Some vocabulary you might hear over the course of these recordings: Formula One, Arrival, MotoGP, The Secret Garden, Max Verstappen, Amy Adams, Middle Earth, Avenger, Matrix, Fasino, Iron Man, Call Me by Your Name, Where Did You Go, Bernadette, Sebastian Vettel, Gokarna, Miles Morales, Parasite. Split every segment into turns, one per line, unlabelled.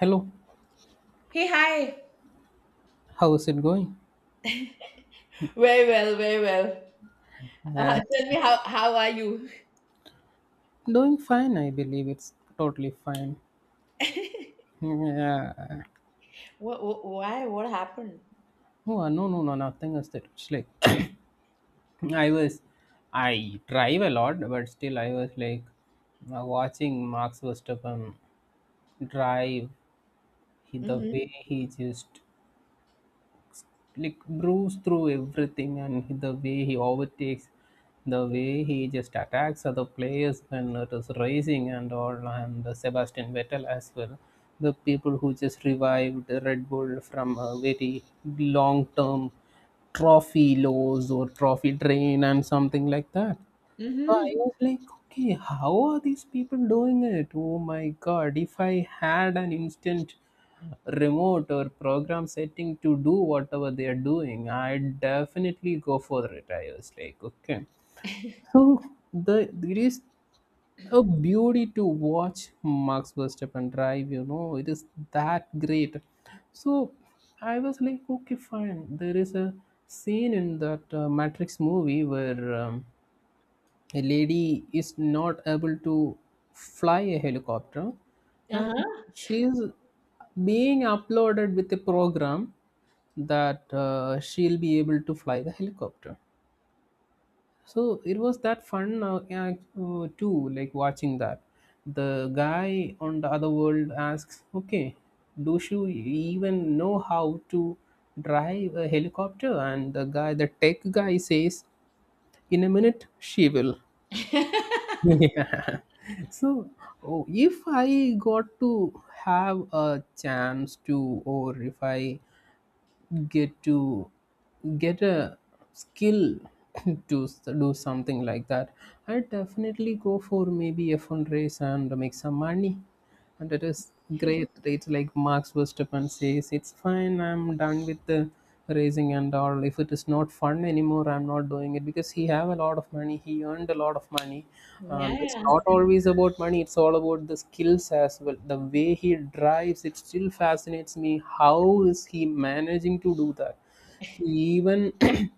Hello,
Hey, hi.
how is it going?
Very well, very well.
Uh,
Tell me how are you?
Doing fine, I believe it's totally fine. Yeah.
What, wh why? What happened?
Oh, no, no, no, nothing is that. It's like I was, I drive a lot, but still I was like watching Max Verstappen drive. The way
Mm-hmm.
he just like brews through everything, and the way he overtakes, the way he just attacks other players when it is racing and all. And Sebastian Vettel as well, the people who just revived Red Bull from a very long term trophy loss or trophy drain and something like that. I was
Mm-hmm.
like, okay, how are these people doing it? Oh my god, if I had an instant remote or program setting to do whatever they are doing, I definitely go for it. I was like, okay, so there is a beauty to watch Max Verstappen drive, you know. It is that great. So I was like, okay, fine, there is a scene in that Matrix movie where a lady is not able to fly a helicopter, and
Uh-huh.
she is being uploaded with a program that she'll be able to fly the helicopter. So it was that fun, yeah, too, like watching that. The guy on the other world asks, okay, do you even know how to drive a helicopter? And the guy, the tech guy, says in a minute she will. Yeah. So, oh, if I got to have a chance to, or if I get to get a skill to do something like that, I definitely go for maybe a fundraise and make some money. And it is great. It's like Max Verstappen says, it's fine, I'm done with the racing and all, if it is not fun anymore I'm not doing it, because he have a lot of money, he earned a lot of money. It's
Yeah.
not always about money, it's all about the skills as well. The way he drives, it still fascinates me. How is he managing to do that? He even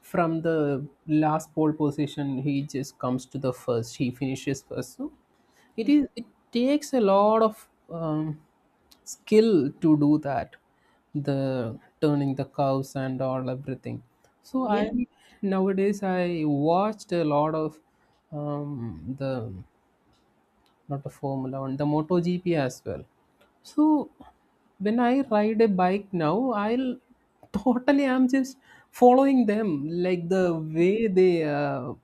from the last pole position he just comes to the first, he finishes first. So it
Yeah.
is, it takes a lot of skill to do that, the turning the cows and all, everything. So I,
Yeah.
nowadays I watched a lot of the, not a Formula One, the MotoGP as well. So when I ride a bike now, I'll totally I'm just following them, like the way they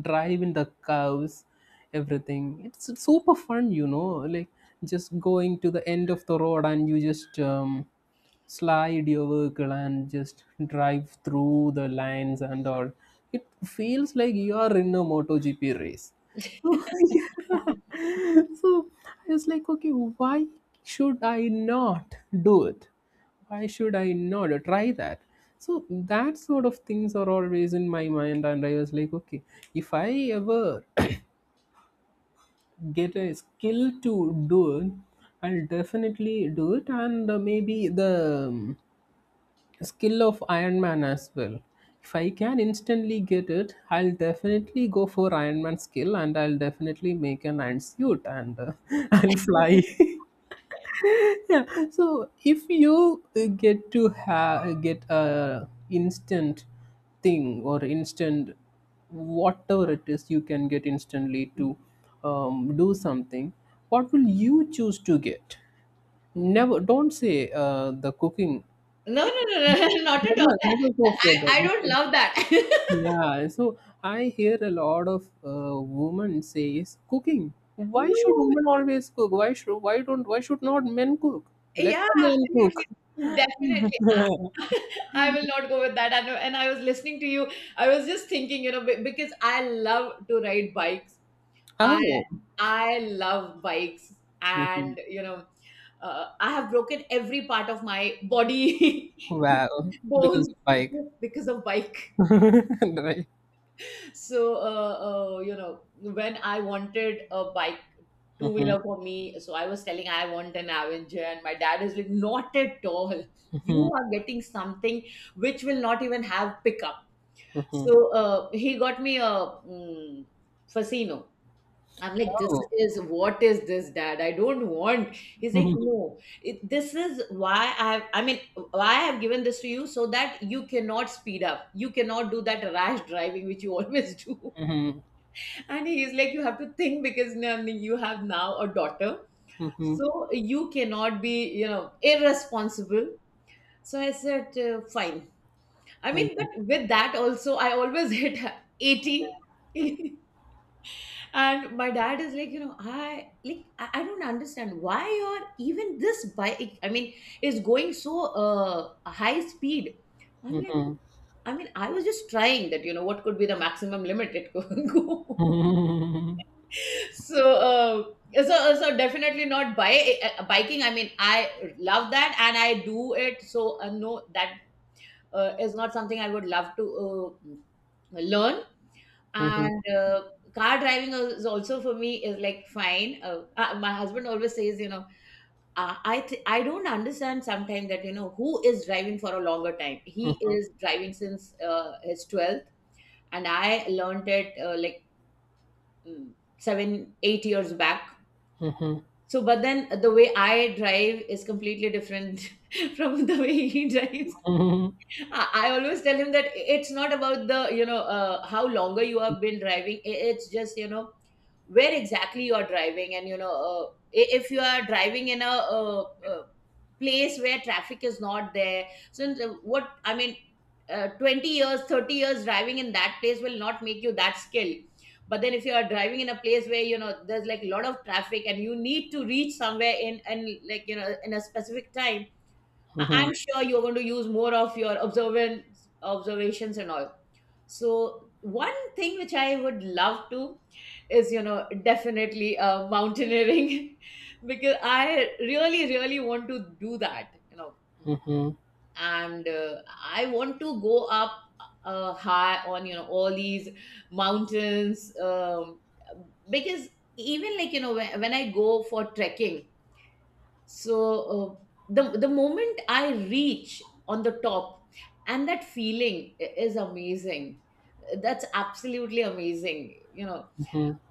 drive in the curves, everything. It's super fun, you know, like just going to the end of the road, and you just slide your vehicle and just drive through the lines and all. It feels like you are in a MotoGP race. So I was like, okay, why should I not do it? Why should I not try that? So that sort of things are always in my mind, and I was like, okay, if I ever get a skill to do it, I'll definitely do it. And maybe the skill of Iron Man as well. If I can instantly get it, I'll definitely go for Iron Man skill, and I'll definitely make an iron suit and I'll fly. Yeah. So if you get to get a instant thing or instant whatever it is you can get instantly to do something, what will you choose to get? Never don't say the cooking.
No, no, no, no, not at all.
Never, never go for
I don't
that.
love that.
Yeah. So I hear a lot of women say, "Cooking. Why should
No.
women always cook? Why should? Why don't? Why should not men cook? Let
Yeah,
the men
absolutely.
cook."
Definitely. I I will not go with that. And I was listening to you. I was just thinking, because I love to ride bikes. I
Oh.
I love bikes, and I have broken every part of my body
Wow. Because,
bones
like.
just because of bike. So when I wanted a bike two wheeler for me, so I was telling I want an Avenger, and my dad is like, not at all. You are getting something which will not even have pickup. So he got me a Fasino. I'm like, this is what is this, Dad? I don't want. He's like, no, this is why I mean, why I've given this to you so that you cannot speed up. You cannot do that rash driving which you always do. And he's like, you have to think because now you have now a daughter. So you cannot be irresponsible. So I said, fine. I mean, but with that also, I always hit 80. And my dad is like, I I don't understand why or even this bike, I mean, is going so high speed. I'm like, I mean, I was just trying that what could be the maximum limit it could go. So definitely not biking. I mean, I love that and I do it. So no, that is not something I would love to learn. And car driving is also for me is like fine. Uh, my husband always says, you know, I don't understand sometimes that, you know, who is driving for a longer time, he is driving since his 12th, and I learned it like 7 8 years back. So but then the way I drive is completely different from the way he drives. I always tell him that it's not about the how longer you have been driving. It's just, you know, where exactly you are driving, and if you are driving in a uh place where traffic is not there. Since what I mean, 20 years, 30 years driving in that place will not make you that skilled. But then if you are driving in a place where there's like a lot of traffic, and you need to reach somewhere in, and like in a specific time, I'm sure you're going to use more of your observance observations and all. So one thing which I would love to is definitely mountaineering because I really really want to do that and I want to go up high on all these mountains, because even like when I go for trekking. So uh, the moment I reach on the top, and that feeling is amazing. That's absolutely amazing you know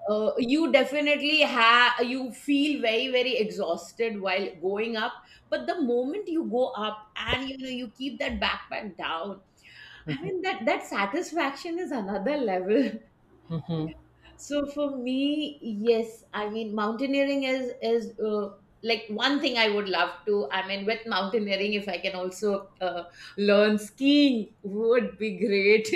uh, You definitely have you feel very very exhausted while going up, but the moment you go up, and you keep that backpack down, I
Oh.
mean, that satisfaction is another level.
Mhm,
So for me, yes, I mean, mountaineering is like one thing I would love to. I mean, with mountaineering, if I can also learn skiing, would be great.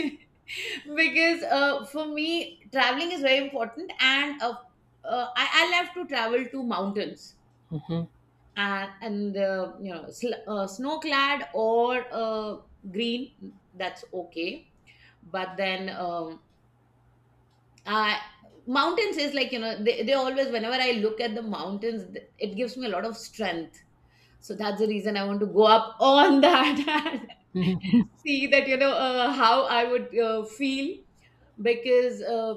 Because for me, traveling is very important, and I love to travel to mountains
mhm,
and snow clad or green. That's okay. But then uh, mountains is like, you know, they always, whenever I look at the mountains, it gives me a lot of strength. So that's the reason I want to go up on that.
mhm,
See that, how I would feel, because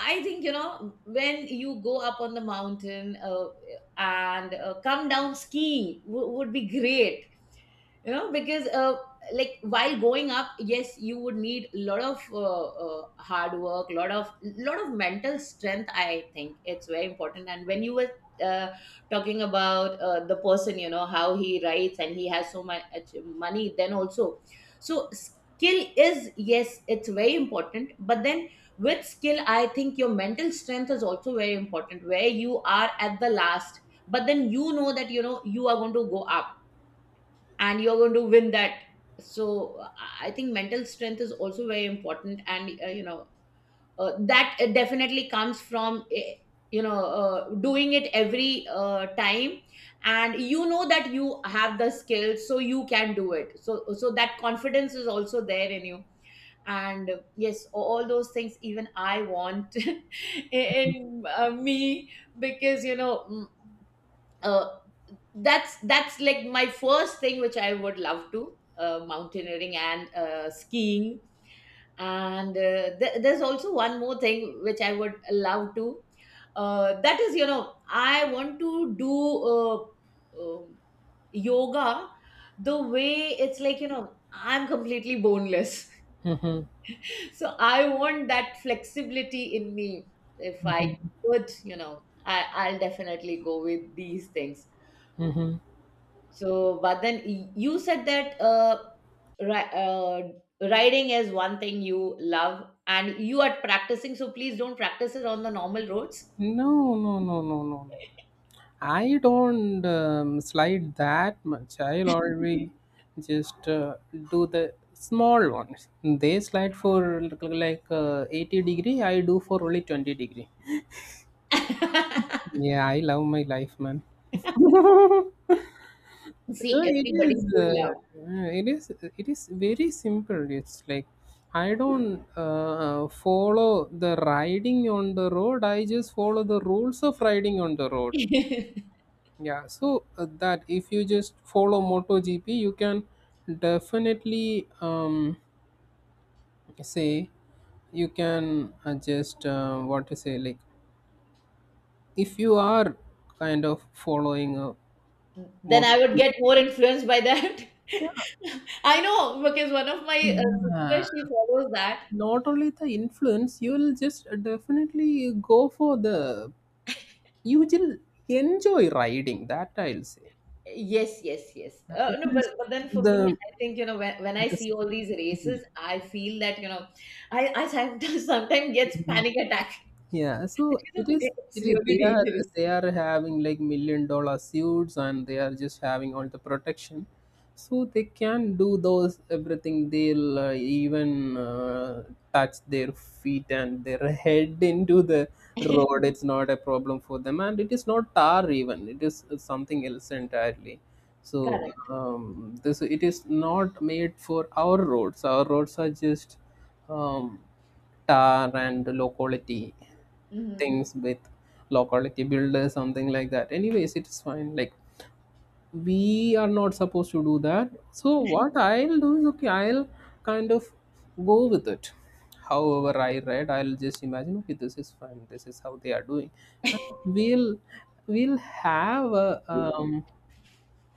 I think when you go up on the mountain and come down skiing, would be great, because like while going up, yes, you would need a lot of hard work, lot of mental strength. I think it's very important. And when you were uh, talking about the person, how he writes, and he has so much money, then also, so skill is, yes, it's very important, but then with skill, I think your mental strength is also very important where you are at the last, but then you know that you are going to go up, and you're going to win that. So I think mental strength is also very important. And that definitely comes from doing it every time. And you know that you have the skills, so you can do it, so that confidence is also there in you. And yes, all those things, even I want in me, because uh, that's like my first thing which I would love to, mountaineering and skiing. And there's also one more thing which I would love to, that is, I want to do uh, uh, yoga, the way it's like I'm completely boneless.
mhm,
So I want that flexibility in me. If I
mhm,
could, you know, I'll definitely go with these things.
mhm.
So, but then you said that ri- uh, riding is one thing you love and you are practicing. So please don't practice it on the normal roads.
No, no, no, no, no, no. I don't slide that much. I'll always just do the small ones. They slide for like 80 degree. I do for only 20 degree. Yeah, I love my life, man.
See,
It
everybody
is
should love.
it is it is very simple. It's like I don't follow the riding on the road, I just follow the rules of riding on the road. Yeah, so that if you just follow MotoGP you can definitely say, you can just what to say, like if you are kind of following a
Then I would
MotoGP.
get more influenced by that.
Yeah,
I know because one of my
yeah.
sisters, she follows that.
Not only the influence, you will just definitely go for the, you will enjoy riding that, I'll say.
Yes, yes, yes. Uh,
It
no, but,
is
but then for me,
the,
I think, when I see all these
the,
races, I feel that. I sometimes, sometimes gets panic attack.
yeah,
But,
so
you know,
it is.
it's
It is.
really
They are.
dangerous.
They are having like million dollar suits, and they are just having all the protection, so they can do those everything. They'll even touch their feet and their head into the road. It's not a problem for them, and it is not tar even. It is something else entirely. So
Correct.
this, it is not made for our roads. Our roads are just. Um, Tar and low quality
Hmm.
things with low quality builders, something like that. Anyways, it's fine. Like we are not supposed to do that. So what I'll do is, okay, I'll kind of go with it. However, I read, I'll just imagine, okay, this is fine. This is how they are doing. And we'll have a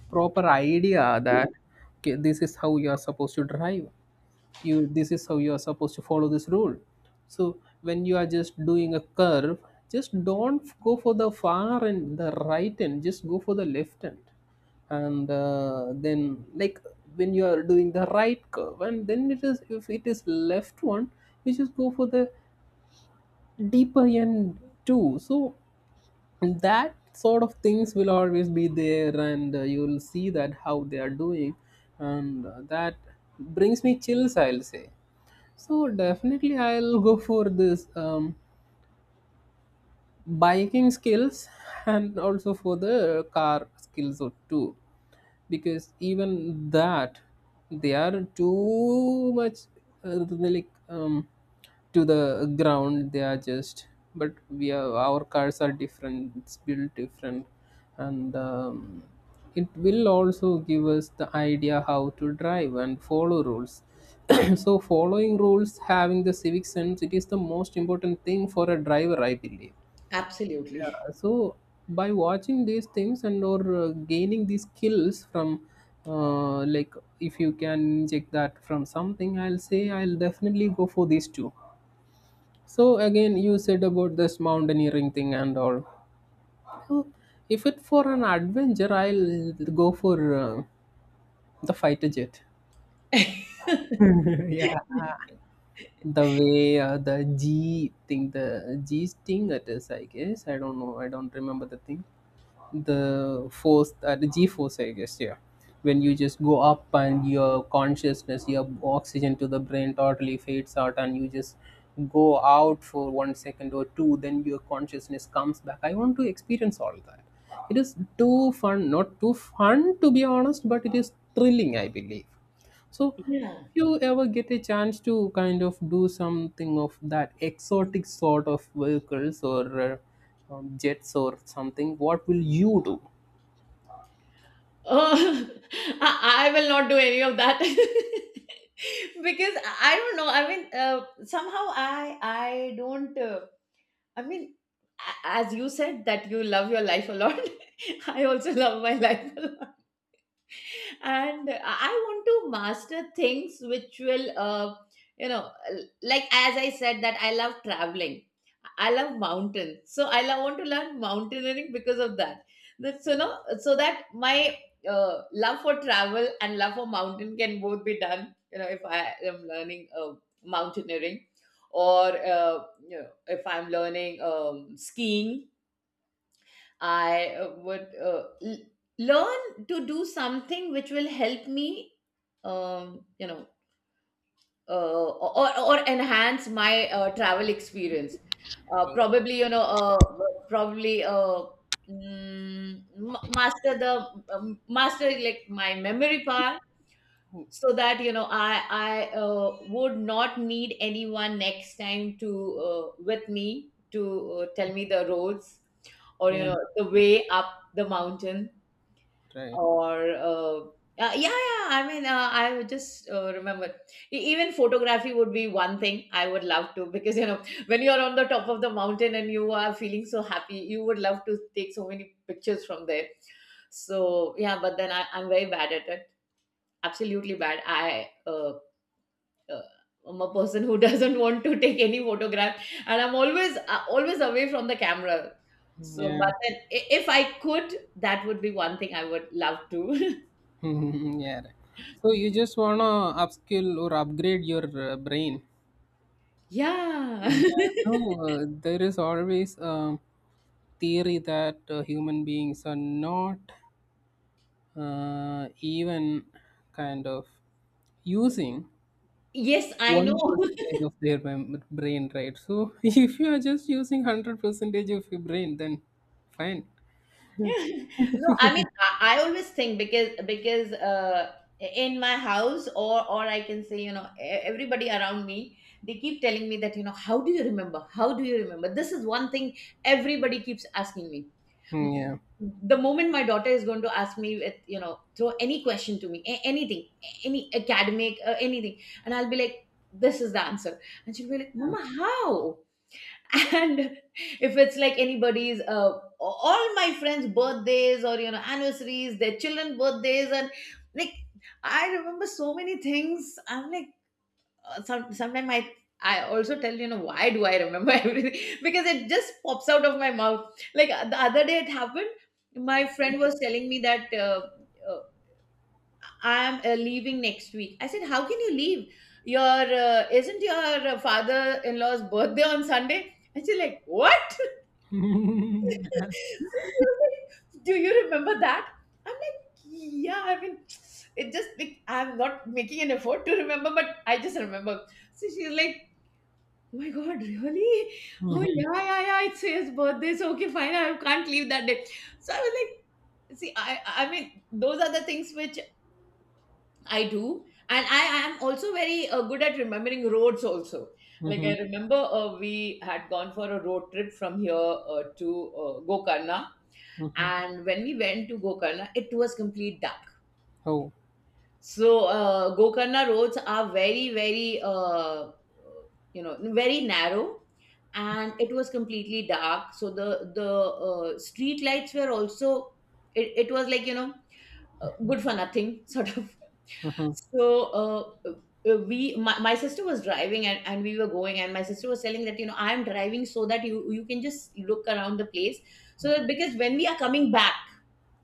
proper idea that okay, this is how you are supposed to drive. You, this is how you are supposed to follow this rule. So when you are just doing a curve, just don't go for the far end, the right end, just go for the left end. And then, like, when you are doing the right curve, and then it is, if it is left one, you just go for the deeper end too. So that sort of things will always be there, and you will see that how they are doing and that brings me chills, I'll say. So definitely, I'll go for this biking skills, and also for the car skills or too, because even that, they are too much like to the ground, they are just. But we are, our cars are different, it's built different. And it will also give us the idea how to drive and follow rules. So following rules, having the civic sense, it is the most important thing for a driver, I believe.
Absolutely.
So by watching these things and or gaining these skills from like, if you can check that from something, I'll say, I'll definitely go for these two. So again, you said about this mountaineering thing and all. So if it for an adventure, I'll go for the fighter jet. The way the G thing, the G sting it is, I guess. I don't know. I don't remember the thing. The force, the G force, I guess. Yeah, when you just go up and your consciousness, your oxygen to the brain totally fades out, and you just go out for 1 second or two, then your consciousness comes back. I want to experience all that. It is too fun, not too fun to be honest, but it is thrilling, I believe. So, if
Yeah.
you ever get a chance to kind of do something of that exotic sort of vehicles or jets or something, what will you do?
Oh, I will not do any of that. Because I don't know. I mean, somehow I don't. I mean, as you said that you love your life a lot. I also love my life a lot. And I want to master things which will you know like, as I said, that I love traveling. I love mountains, so I want to learn mountaineering because of that, so that my love for travel and love for mountain can both be done if I am learning mountaineering, or if I'm learning skiing. I would learn to do something which will help me, um, you know, uh, or enhance my travel experience,
Oh.
probably, probably mm, ma- master the master like my memory part, so that I would not need anyone next time to with me to tell me the roads, or
Yeah,
the way up the mountain,
right.
or yeah, yeah, I mean, I would just remember. Even photography would be one thing I would love to, because when you're on the top of the mountain and you are feeling so happy, you would love to take so many pictures from there. So, yeah, but then I'm very bad at it, absolutely bad. I uh, uh, i'm a person who doesn't want to take any photograph, and I'm always away from the camera. So
Yeah,
but then if I could, that would be one thing I would love to.
yeah. Right. So you just wanna upskill or upgrade your brain.
Yeah.
Yeah. So there is always a theory that human beings are not even kind of using
Yes, I
one
know.
percentage of their brain, right? So if you are just using 100 percentage of your brain, then fine.
No, I mean, I always think because in my house, or I can say, everybody around me, they keep telling me that, how do you remember? How do you remember? This is one thing everybody keeps asking me.
Mm,
M-
yeah.
The moment my daughter is going to ask me with, throw any question to me, anything, any academic, anything, and I'll be like, this is the answer. And she'll be like,
Yeah.
Mama, how? And if it's like anybody's all my friends birthdays or anniversaries, their children birthdays, and like, I remember so many things. I'm like, sometimes I also tell, you know, why do I remember everything, because it just pops out of my mouth. Like, the other day it happened. My friend was telling me that uh, I am leaving next week. I said, how can you leave your isn't your father-in-law's birthday on Sunday? And she's like, what? So she was like, do you remember that? I'm like, yeah, I mean, it just like I'm not making an effort to remember, but I just remember. So she's like, oh my god, really? Oh,
Mhm,
yeah, yeah, yeah. It's his birthday, so okay, fine. I can't leave that day. So I was like, see, I mean, those are the things which I do. And I am also very good at remembering roads also. Like,
mhm,
I remember we had gone for a road trip from here to Gokarna.
mhm.
And when we went to Gokarna, it was complete dark.
Oh.
So Gokarna roads are very, very, very narrow, and it was completely dark. So the street lights were also. It was like, good for nothing sort of.
Mhm,
So we my sister was driving, and we were going, and my sister was telling that I'm driving so that you can just look around the place, so that because when we are coming back,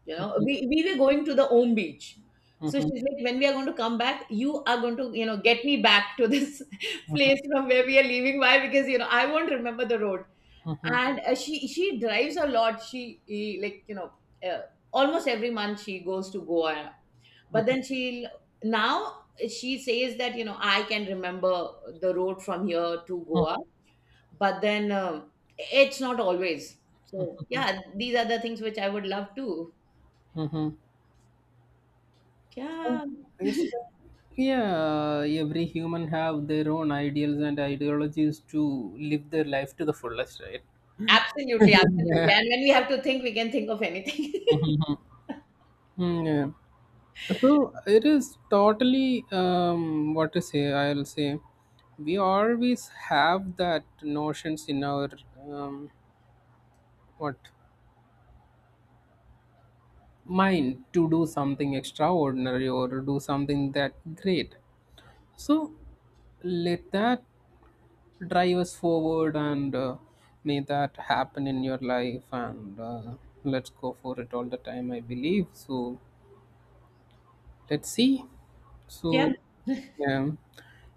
you know, we were going to the own beach. So
mhm,
she's like, when we are going to come back, you are going to get me back to this place from where we are leaving. Why? Because I won't remember the road.
mhm,
And she drives a lot. She like, you know uh, almost every month she goes to Goa. But then now she says that I can remember the road from here to Goa.
mhm.
But then it's not always. So,
Mhm,
yeah, these are the things which I would love to.
mhm. So
Yeah.
it's yeah. Every human have their own ideals and ideologies to live their life to the fullest, right?
Absolutely, absolutely.
Yeah.
And when we have to think, we can think of anything.
Mhm. Yeah. So it is totally what to say. I'll say we always have that notions in our um, what mind to do something extraordinary or do something that great. So let that drive us forward, and may that happen in your life, and let's go for it all the time, I believe so. Let's see.
Yep.
So yeah.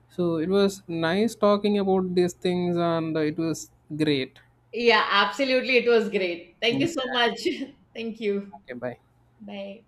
So it was nice talking about these things, and it was great.
Yeah, absolutely. It was great. Thank you
Mm.
so much. Thank you.
Okay, bye.
Bye.